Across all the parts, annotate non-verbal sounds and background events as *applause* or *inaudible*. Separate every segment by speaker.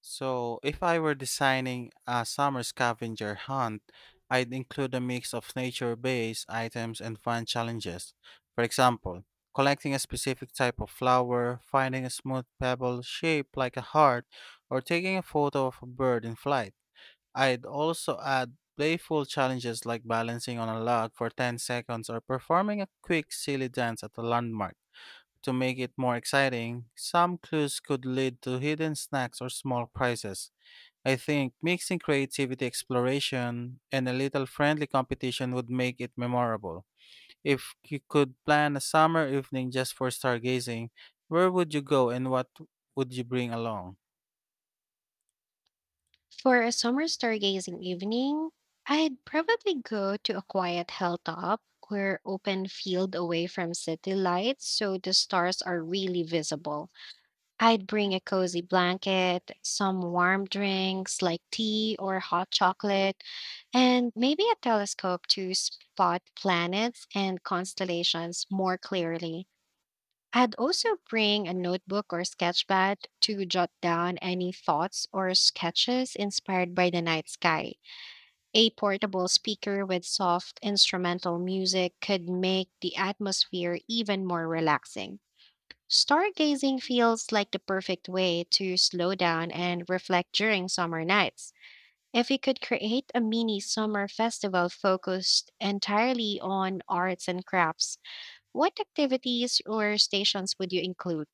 Speaker 1: So, if I were designing a summer scavenger hunt, I'd include a mix of nature based items and fun challenges. For example, collecting a specific type of flower, finding a smooth pebble shaped like a heart, or taking a photo of a bird in flight. I'd also add playful challenges like balancing on a log for 10 seconds or performing a quick silly dance at a landmark. To make it more exciting, some clues could lead to hidden snacks or small prizes. I think mixing creativity exploration and a little friendly competition would make it memorable. If you could plan a summer evening just for stargazing, where would you go and what would you bring along?
Speaker 2: For a summer stargazing evening, I'd probably go to a quiet hilltop or open field away from city lights so the stars are really visible. I'd bring a cozy blanket, some warm drinks like tea or hot chocolate, and maybe a telescope to spot planets and constellations more clearly. I'd also bring a notebook or sketchpad to jot down any thoughts or sketches inspired by the night sky. A portable speaker with soft instrumental music could make the atmosphere even more relaxing. Stargazing feels like the perfect way to slow down and reflect during summer nights. If we could create a mini summer festival focused entirely on arts and crafts, what activities or stations would you include?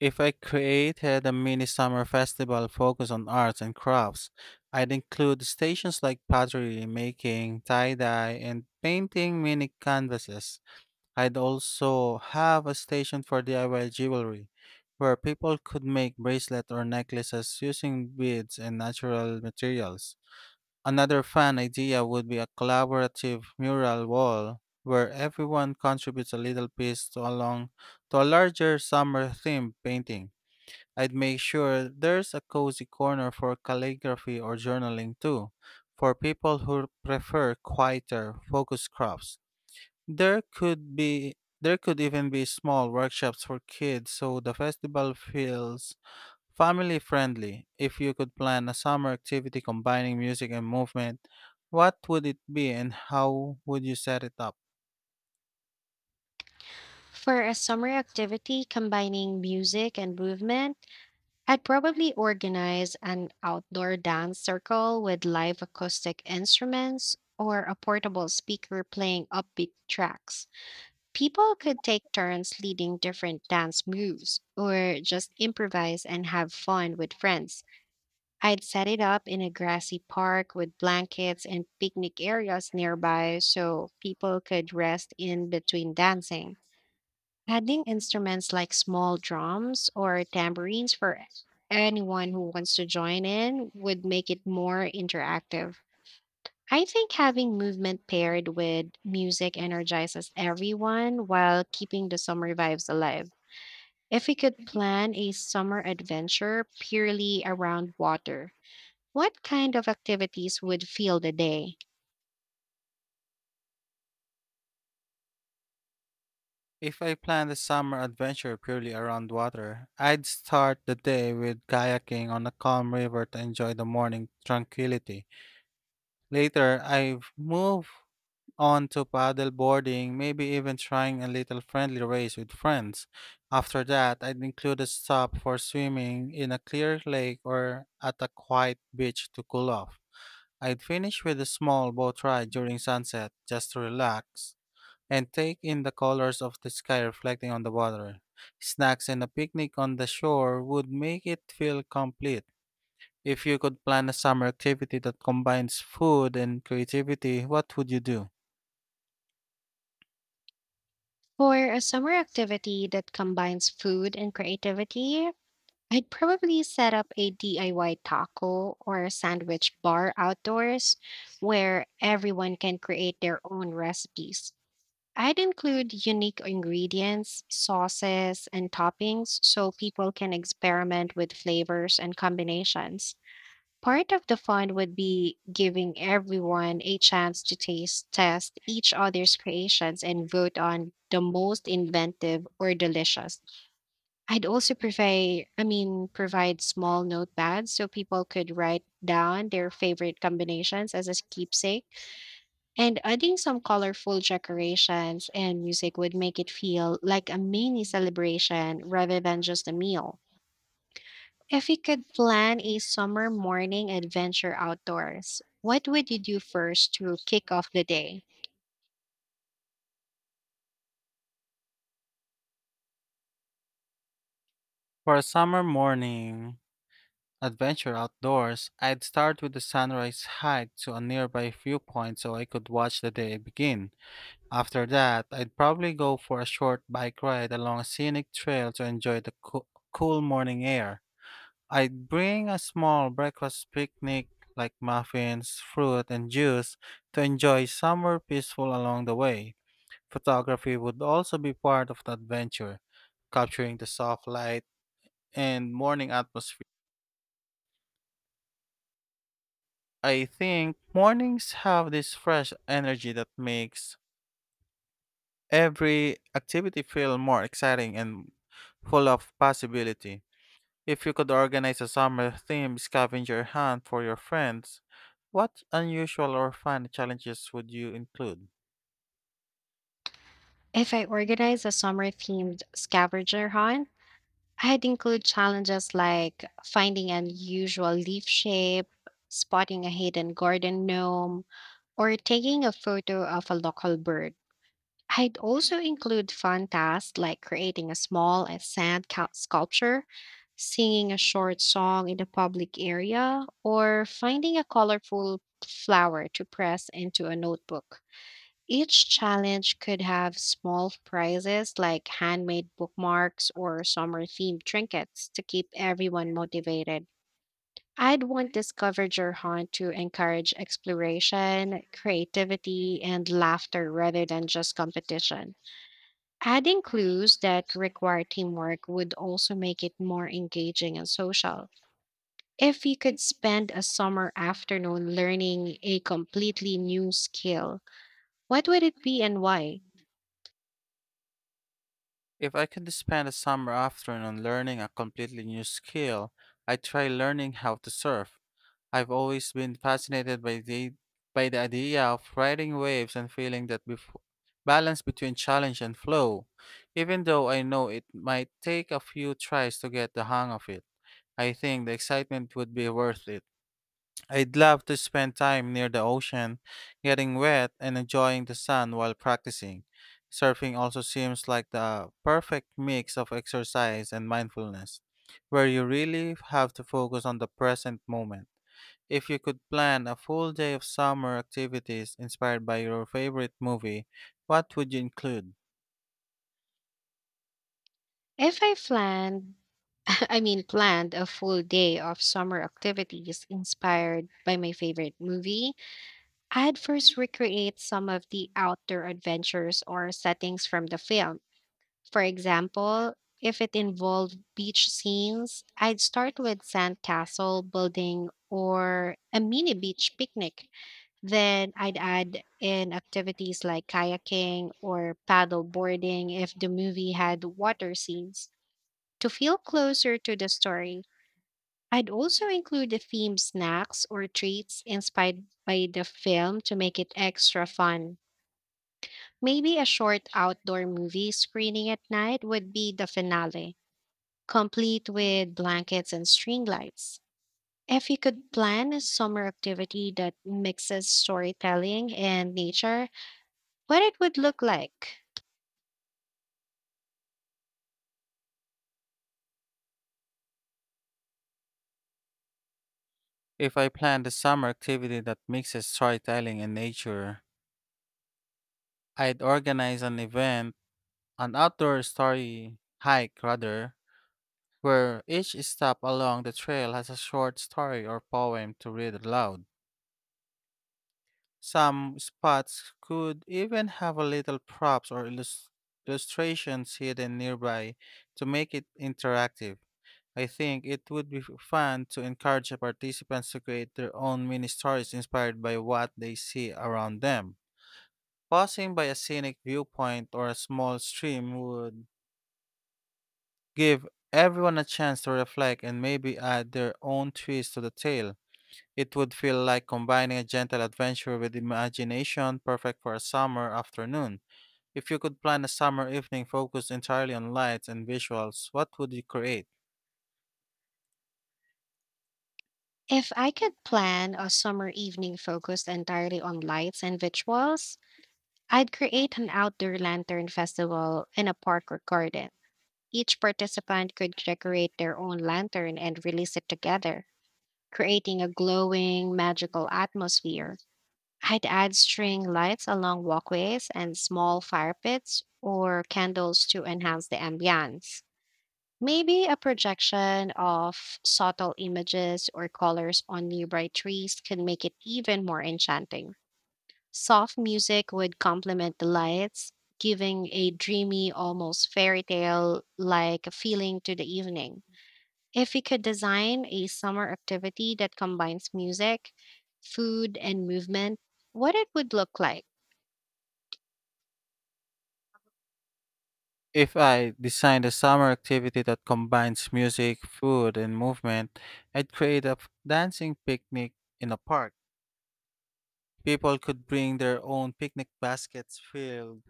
Speaker 1: If I created a mini summer festival focused on arts and crafts, I'd include stations like pottery making, tie dye, and painting mini canvases. I'd also have a station for DIY jewelry, where people could make bracelet or necklaces using beads and natural materials. Another fun idea would be a collaborative mural wall where everyone contributes a little piece to along to a larger summer themed painting. I'd make sure there's a cozy corner for calligraphy or journaling too, for people who prefer quieter, focused crafts. There could be there could even be small workshops for kids so the festival feels family friendly. If you could plan a summer activity combining music and movement, what would it be and how would you set it up?
Speaker 2: For a summer activity combining music and movement, I'd probably organize an outdoor dance circle with live acoustic instruments or a portable speaker playing upbeat tracks. People could take turns leading different dance moves or just improvise and have fun with friends. I'd set it up in a grassy park with blankets and picnic areas nearby so people could rest in between dancing. Adding instruments like small drums or tambourines for anyone who wants to join in would make it more interactive. I think having movement paired with music energizes everyone while keeping the summer vibes alive. If we could plan a summer adventure purely around water, what kind of activities would fill the day?
Speaker 1: If I planned a summer adventure purely around water, I'd start the day with kayaking on a calm river to enjoy the morning tranquility. Later, I've move on to paddle boarding, maybe even trying a little friendly race with friends. After that, I'd include a stop for swimming in a clear lake or at a quiet beach to cool off. I'd finish with a small boat ride during sunset just to relax and take in the colors of the sky reflecting on the water. Snacks and a picnic on the shore would make it feel complete. If you could plan a summer activity that combines food and creativity, what would you do?
Speaker 2: For a summer activity that combines food and creativity, I'd probably set up a DIY taco or sandwich bar outdoors where everyone can create their own recipes. I'd include unique ingredients, sauces, and toppings so people can experiment with flavors and combinations. Part of the fun would be giving everyone a chance to taste test each other's creations and vote on the most inventive or delicious. I'd also provide small notepads so people could write down their favorite combinations as a keepsake. And adding some colorful decorations and music would make it feel like a mini celebration rather than just a meal. If you could plan a summer morning adventure outdoors, what would you do first to kick off the day?
Speaker 1: For a summer morning adventure outdoors, I'd start with a sunrise hike to a nearby viewpoint so I could watch the day begin. After that, I'd probably go for a short bike ride along a scenic trail to enjoy the cool morning air. I'd bring a small breakfast picnic like muffins, fruit, and juice to enjoy somewhere peaceful along the way. Photography would also be part of the adventure, capturing the soft light and morning atmosphere. I think mornings have this fresh energy that makes every activity feel more exciting and full of possibility. If you could organize a summer themed scavenger hunt for your friends, what unusual or fun challenges would you include?
Speaker 2: If I organize a summer themed scavenger hunt, I'd include challenges like finding an unusual leaf shape, spotting a hidden garden gnome, or taking a photo of a local bird. I'd also include fun tasks like creating a small sculpture, singing a short song in a public area, or finding a colorful flower to press into a notebook. Each challenge could have small prizes like handmade bookmarks or summer themed trinkets to keep everyone motivated. I'd want Discover Your Hunt to encourage exploration, creativity, and laughter rather than just competition. Adding clues that require teamwork would also make it more engaging and social. If you could spend a summer afternoon learning a completely new skill, what would it be and why?
Speaker 1: If I could spend a summer afternoon learning a completely new skill, I'd try learning how to surf. I've always been fascinated by the idea of riding waves and feeling that balance between challenge and flow, even though I know it might take a few tries to get the hang of it. I think the excitement would be worth it. I'd love to spend time near the ocean, getting wet and enjoying the sun while practicing. Surfing also seems like the perfect mix of exercise and mindfulness, where you really have to focus on the present moment. If you could plan a full day of summer activities inspired by your favorite movie, what would you include?
Speaker 2: If I planned, *laughs* I mean, planned a full day of summer activities inspired by my favorite movie, I'd first recreate some of the outdoor adventures or settings from the film. For example, if it involved beach scenes, I'd start with sandcastle building or a mini beach picnic. Then I'd add in activities like kayaking or paddle boarding if the movie had water scenes. To feel closer to the story, I'd also include the theme snacks or treats inspired by the film to make it extra fun. Maybe a short outdoor movie screening at night would be the finale, complete with blankets and string lights. If you could plan a summer activity that mixes storytelling and nature, what it would look like.
Speaker 1: If I planned a summer activity that mixes storytelling and nature, I'd organize an outdoor story hike rather, where each stop along the trail has a short story or poem to read aloud. Some spots could even have a little props or illustrations hidden nearby to make it interactive. I think it would be fun to encourage the participants to create their own mini stories inspired by what they see around them. Passing by a scenic viewpoint or a small stream would give everyone a chance to reflect and maybe add their own twist to the tale. It would feel like combining a gentle adventure with imagination, perfect for a summer afternoon. If you could plan a summer evening focused entirely on lights and visuals, what would you create?
Speaker 2: If I could plan a summer evening focused entirely on lights and visuals, I'd create an outdoor lantern festival in a park or garden. Each participant could decorate their own lantern and release it together, creating a glowing, magical atmosphere. I'd add string lights along walkways and small fire pits or candles to enhance the ambiance. Maybe a projection of subtle images or colors on nearby trees can make it even more enchanting. Soft music would complement the lights, giving a dreamy, almost fairy tale like feeling to the evening. If we could design a summer activity that combines music, food, and movement, what it would look like.
Speaker 1: If I designed a summer activity that combines music, food, and movement, I'd create a dancing picnic in a park. People could bring their own picnic baskets filled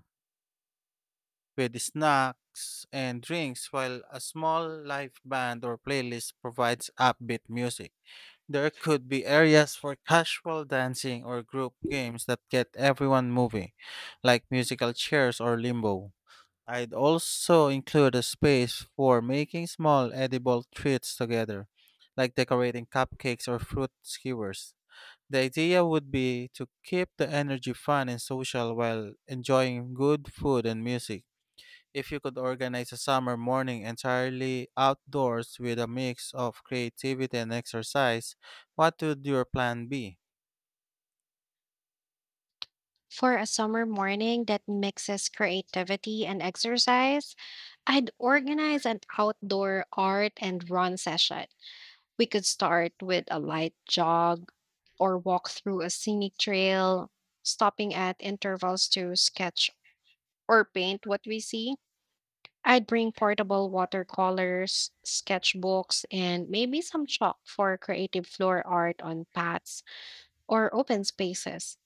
Speaker 1: with snacks and drinks, while a small live band or playlist provides upbeat music. There could be areas for casual dancing or group games that get everyone moving, like musical chairs or limbo. I'd also include a space for making small edible treats together, like decorating cupcakes or fruit skewers. The idea would be to keep the energy fun and social while enjoying good food and music. If you could organize a summer morning entirely outdoors with a mix of creativity and exercise, what would your plan be?
Speaker 2: For a summer morning that mixes creativity and exercise, I'd organize an outdoor art and run session. We could start with a light jog or walk through a scenic trail, stopping at intervals to sketch or paint what we see. I'd bring portable watercolors, sketchbooks, and maybe some chalk for creative floor art on paths or open spaces.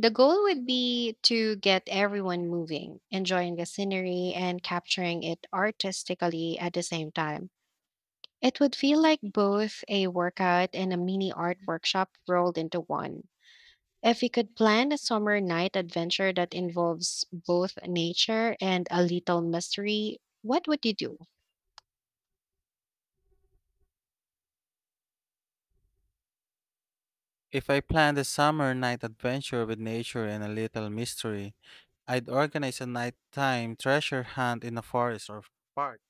Speaker 2: The goal would be to get everyone moving, enjoying the scenery, and capturing it artistically at the same time. It would feel like both a workout and a mini art workshop rolled into one. If we could plan a summer night adventure that involves both nature and a little mystery, what would you do?
Speaker 1: If I planned a summer night adventure with nature and a little mystery, I'd organize a nighttime treasure hunt in a forest or park.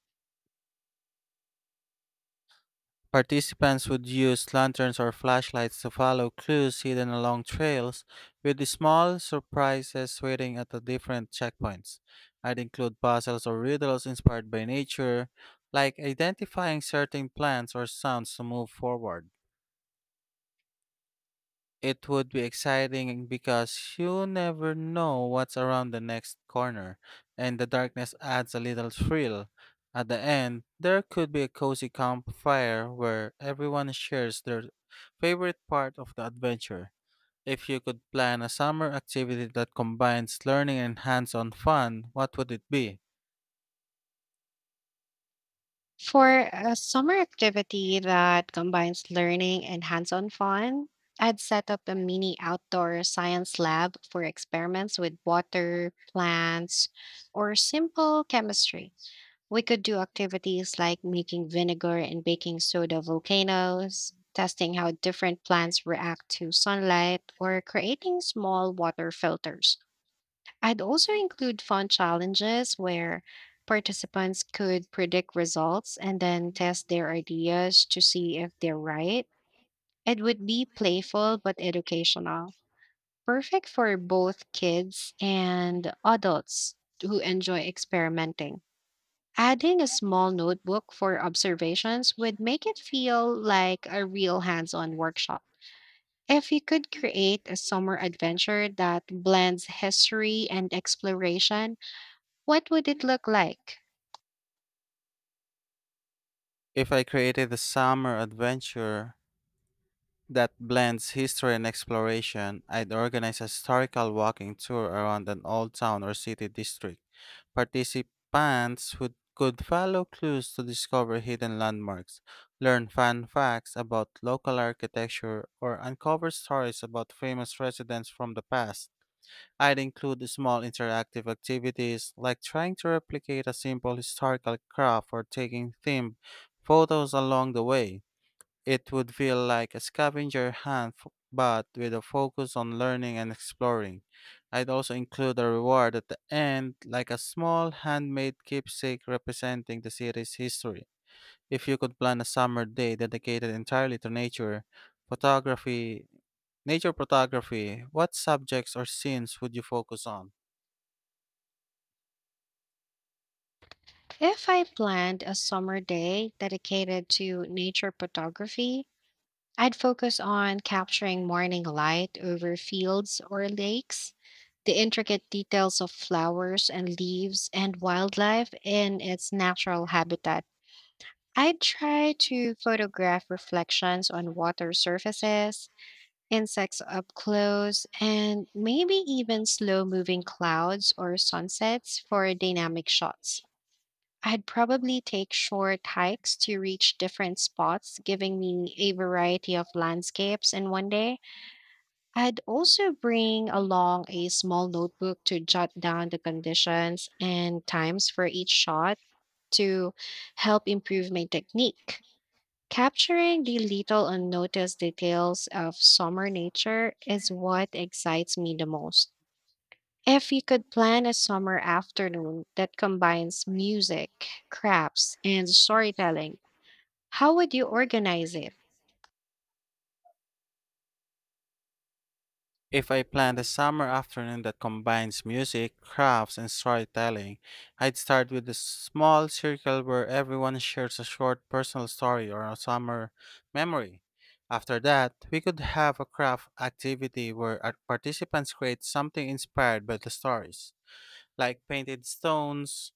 Speaker 1: Participants would use lanterns or flashlights to follow clues hidden along trails, with small surprises waiting at the different checkpoints. I'd include puzzles or riddles inspired by nature, like identifying certain plants or sounds to move forward. It would be exciting because you never know what's around the next corner, and the darkness adds a little thrill. At the end, there could be a cozy campfire where everyone shares their favorite part of the adventure. If you could plan a summer activity that combines learning and hands on fun, what would it be?
Speaker 2: For a summer activity that combines learning and hands on fun, I'd set up a mini outdoor science lab for experiments with water, plants, or simple chemistry. We could do activities like making vinegar and baking soda volcanoes, testing how different plants react to sunlight, or creating small water filters. I'd also include fun challenges where participants could predict results and then test their ideas to see if they're right. It would be playful but educational, perfect for both kids and adults who enjoy experimenting. Adding a small notebook for observations would make it feel like a real hands on workshop. If you could create a summer adventure that blends history and exploration, what would it look like?
Speaker 1: If I created a summer adventure that blends history and exploration, I'd organize a historical walking tour around an old town or city district. Participants would could follow clues to discover hidden landmarks, learn fun facts about local architecture, or uncover stories about famous residents from the past. I'd include small interactive activities like trying to replicate a simple historical craft or taking themed photos along the way. It would feel like a scavenger hunt, but with a focus on learning and exploring. I'd also include a reward at the end, like a small handmade keepsake representing the city's history. If you could plan a summer day dedicated entirely to photography, nature photography, what subjects or scenes would you focus on?
Speaker 2: If I planned a summer day dedicated to nature photography, I'd focus on capturing morning light over fields or lakes the intricate details of flowers and leaves and wildlife in its natural habitat. I'd try to photograph reflections on water surfaces, insects up close, and maybe even slow moving clouds or sunsets for dynamic shots. I'd probably take short hikes to reach different spots, giving me a variety of landscapes in one day. I'd also bring along a small notebook to jot down the conditions and times for each shot to help improve my technique. Capturing the little unnoticed details of summer nature is what excites me the most. If you could plan a summer afternoon that combines music, crafts, and storytelling, how would you organize it?
Speaker 1: If I planned a summer afternoon that combines music, crafts, and storytelling, I'd start with a small circle where everyone shares a short personal story or a summer memory. After that, we could have a craft activity where our participants create something inspired by the stories, like painted stones,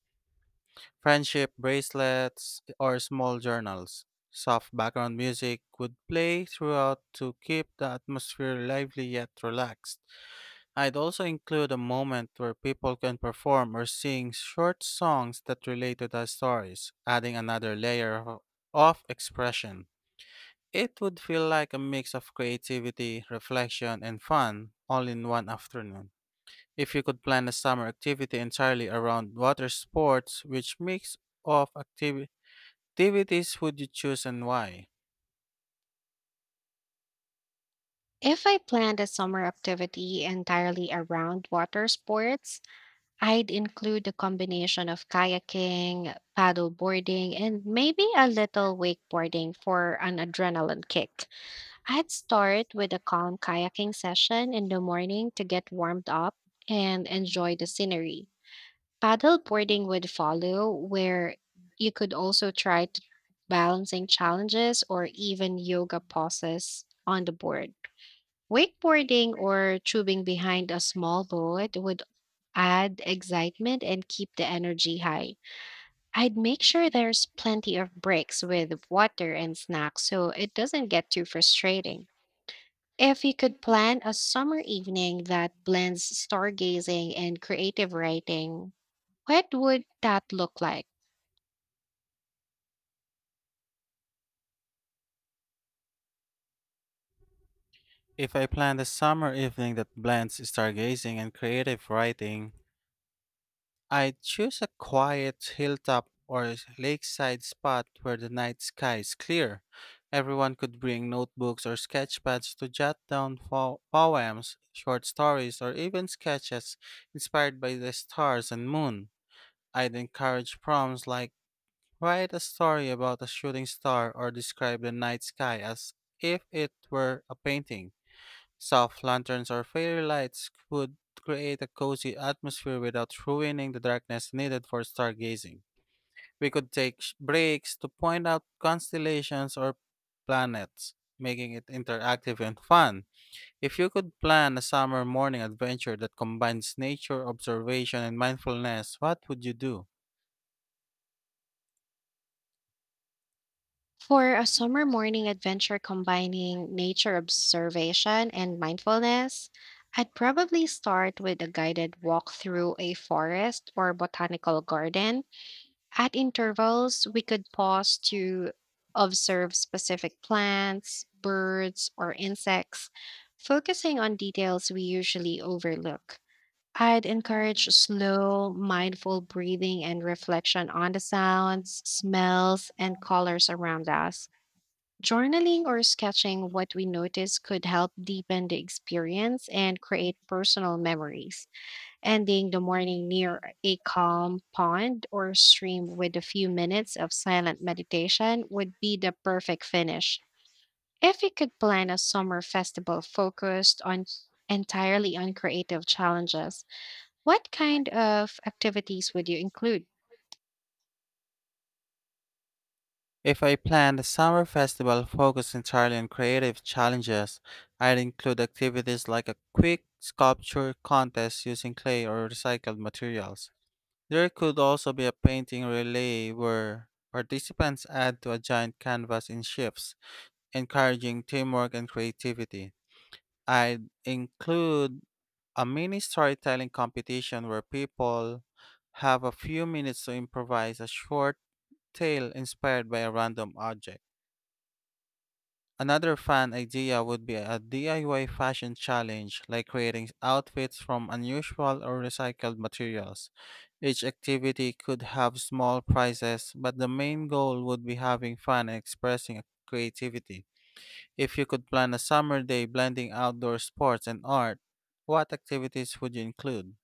Speaker 1: friendship bracelets, or small journals. Soft background music would play throughout to keep the atmosphere lively yet relaxed. I'd also include a moment where people can perform or sing short songs that relate to their stories, adding another layer of expression. It would feel like a mix of creativity, reflection, and fun all in one afternoon. If you could plan a summer activity entirely around water sports, which mix of activities would you choose and why?
Speaker 2: If I planned a summer activity entirely around water sports, I'd include a combination of kayaking, paddle boarding, and maybe a little wakeboarding for an adrenaline kick. I'd start with a calm kayaking session in the morning to get warmed up and enjoy the scenery. Paddleboarding would follow, where you could also balancing challenges or even yoga poses on the board. Wakeboarding or tubing behind a small boat would add excitement and keep the energy high. I'd make sure there's plenty of breaks with water and snacks so it doesn't get too frustrating. If you could plan a summer evening that blends stargazing and creative writing, what would that look like?
Speaker 1: If I planned a summer evening that blends stargazing and creative writing, I'd choose a quiet hilltop or lakeside spot where the night sky is clear. Everyone could bring notebooks or sketchpads to jot down poems, short stories, or even sketches inspired by the stars and moon. I'd encourage prompts like write a story about a shooting star or describe the night sky as if it were a painting. Soft lanterns or fairy lights would create a cozy atmosphere without ruining the darkness needed for stargazing. We could take breaks to point out constellations or planets, making it interactive and fun. If you could plan a summer morning adventure that combines nature observation and mindfulness, what would you do?
Speaker 2: For a summer morning adventure combining nature observation and mindfulness, I'd probably start with a guided walk through a forest or botanical garden. At intervals, we could pause to observe specific plants, birds, or insects, focusing on details we usually overlook. I'd encourage slow, mindful breathing and reflection on the sounds, smells, and colors around us. Journaling or sketching what we notice could help deepen the experience and create personal memories. Ending the morning near a calm pond or stream with a few minutes of silent meditation would be the perfect finish. If you could plan a summer festival focused on entirely on creative challenges, what kind of activities would you include?
Speaker 1: If I planned a summer festival focused entirely on creative challenges, I'd include activities like a quick sculpture contest using clay or recycled materials. There could also be a painting relay where participants add to a giant canvas in shifts, encouraging teamwork and creativity. I'd include a mini storytelling competition where people have a few minutes to improvise a short tale inspired by a random object. Another fun idea would be a DIY fashion challenge, like creating outfits from unusual or recycled materials. Each activity could have small prizes, but the main goal would be having fun and expressing creativity. If you could plan a summer day blending outdoor sports and art, what activities would you include?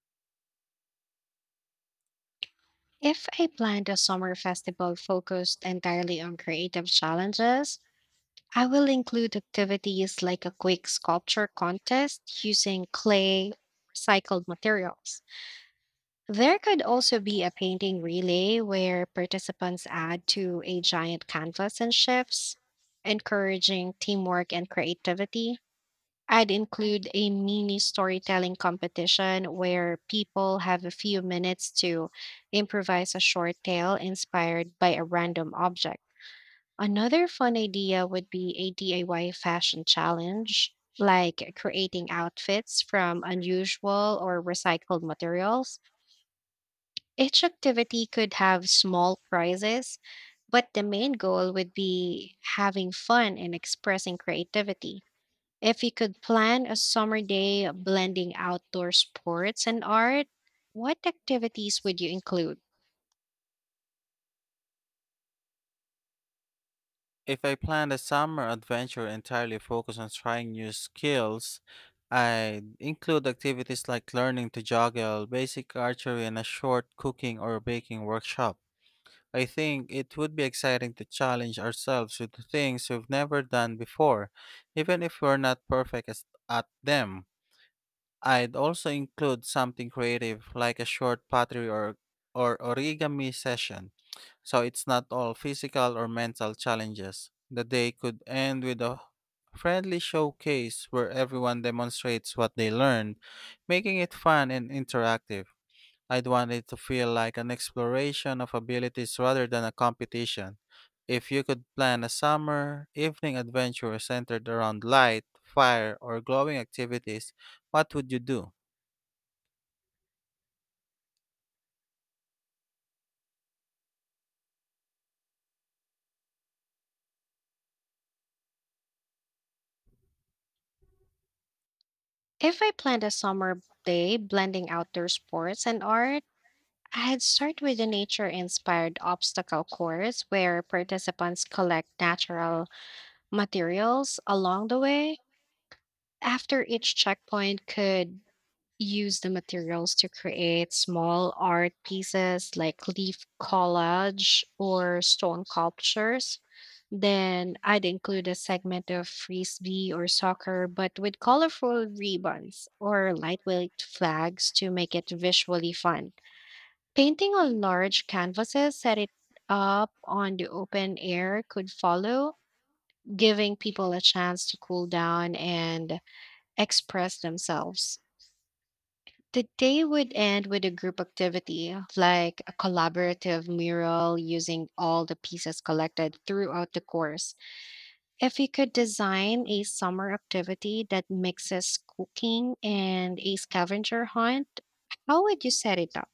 Speaker 2: If I planned a summer festival focused entirely on creative challenges, I will include activities like a quick sculpture contest using clay or recycled materials. There could also be a painting relay where participants add to a giant canvas and shifts, encouraging teamwork and creativity. I'd include a mini storytelling competition where people have a few minutes to improvise a short tale inspired by a random object. Another fun idea would be a DIY fashion challenge, like creating outfits from unusual or recycled materials. Each activity could have small prizes, but the main goal would be having fun and expressing creativity. If you could plan a summer day blending outdoor sports and art, what activities would you include?
Speaker 1: If I planned a summer adventure entirely focused on trying new skills, I'd include activities like learning to juggle, basic archery, and a short cooking or baking workshop. I think it would be exciting to challenge ourselves with things we've never done before, even if we're not perfect at them. I'd also include something creative like a short pottery or origami session. So it's not all physical or mental challenges. The day could end with a friendly showcase where everyone demonstrates what they learned, making it fun and interactive. I'd want it to feel like an exploration of abilities rather than a competition. If you could plan a summer evening adventure centered around light, fire, or glowing activities, what would you do?
Speaker 2: If I planned a summer day blending outdoor sports and art, I'd start with a nature inspired obstacle course where participants collect natural materials along the way. After each checkpoint could use the materials to create small art pieces like leaf collage or stone sculptures. Then I'd include a segment of frisbee or soccer, but with colorful ribbons or lightweight flags to make it visually fun. Painting on large canvases set it up on the open air could follow, giving people a chance to cool down and express themselves. The day would end with a group activity, like a collaborative mural using all the pieces collected throughout the course. If you could design a summer activity that mixes cooking and a scavenger hunt, how would you set it up?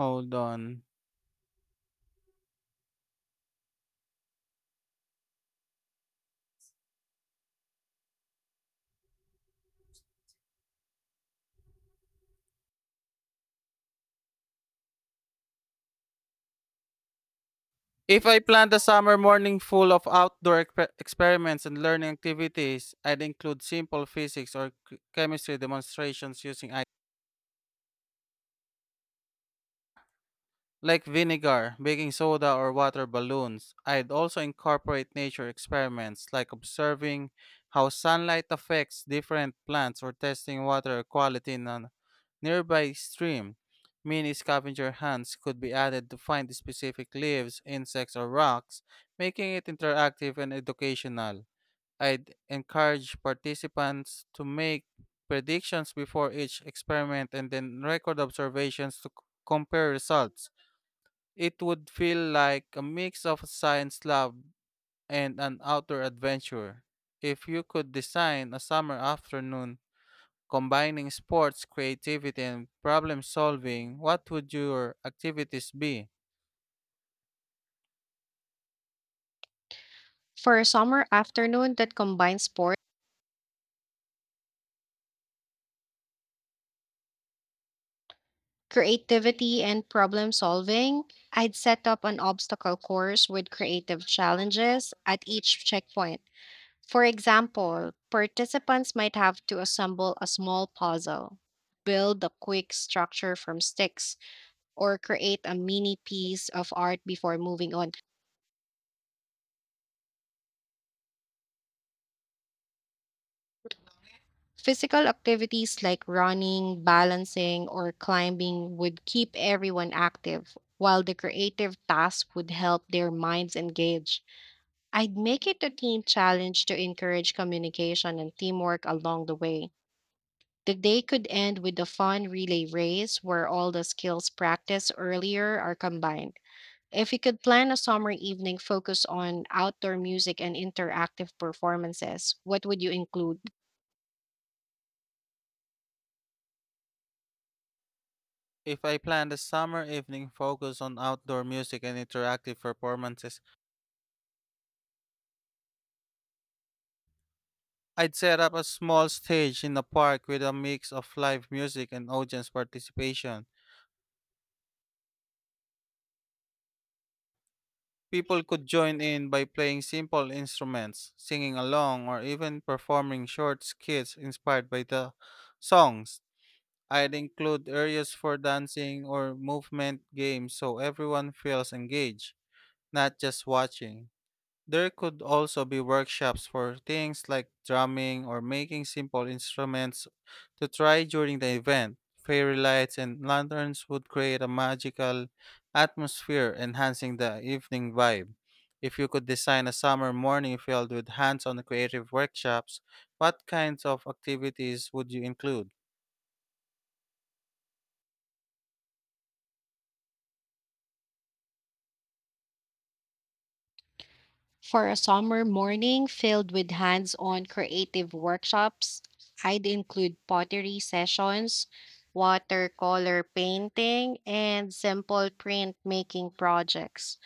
Speaker 1: Hold on. If I planned a summer morning full of outdoor experiments and learning activities, I'd include simple physics or chemistry demonstrations using like vinegar, baking soda, or water balloons. I'd also incorporate nature experiments like observing how sunlight affects different plants or testing water quality in a nearby stream. Mini scavenger hunts could be added to find specific leaves, insects, or rocks, making it interactive and educational. I'd encourage participants to make predictions before each experiment and then record observations to compare results. It would feel like a mix of a science lab and an outdoor adventure. If you could design a summer afternoon combining sports, creativity, and problem solving, what would your activities be?
Speaker 2: For a summer afternoon that combines sport, creativity, and problem solving, I'd set up an obstacle course with creative challenges at each checkpoint. For example, participants might have to assemble a small puzzle, build a quick structure from sticks, or create a mini piece of art before moving on. Physical activities like running, balancing, or climbing would keep everyone active, while the creative tasks would help their minds engage. I'd make it a team challenge to encourage communication and teamwork along the way. The day could end with a fun relay race where all the skills practiced earlier are combined. If we could plan a summer evening focused on outdoor music and interactive performances, what would you include?
Speaker 1: If I planned a summer evening focused on outdoor music and interactive performances, I'd set up a small stage in a park with a mix of live music and audience participation. People could join in by playing simple instruments, singing along, or even performing short skits inspired by the songs. I'd include areas for dancing or movement games so everyone feels engaged, not just watching. There could also be workshops for things like drumming or making simple instruments to try during the event. Fairy lights and lanterns would create a magical atmosphere, enhancing the evening vibe. If you could design a summer morning filled with hands on creative workshops, what kinds of activities would you include?
Speaker 2: For a summer morning filled with hands on creative workshops, I'd include pottery sessions, watercolor painting, and simple printmaking projects.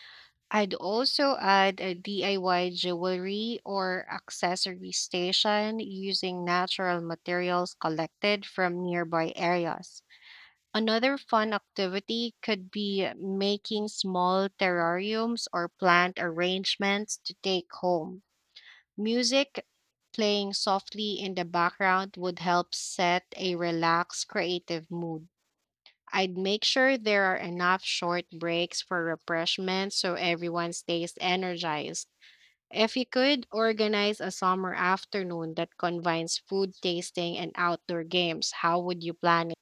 Speaker 2: I'd also add a DIY jewelry or accessory station using natural materials collected from nearby areas. Another fun activity could be making small terrariums or plant arrangements to take home. Music playing softly in the background would help set a relaxed, creative mood. I'd make sure there are enough short breaks for refreshments so everyone stays energized. If you could organize a summer afternoon that combines food tasting and outdoor games, how would you plan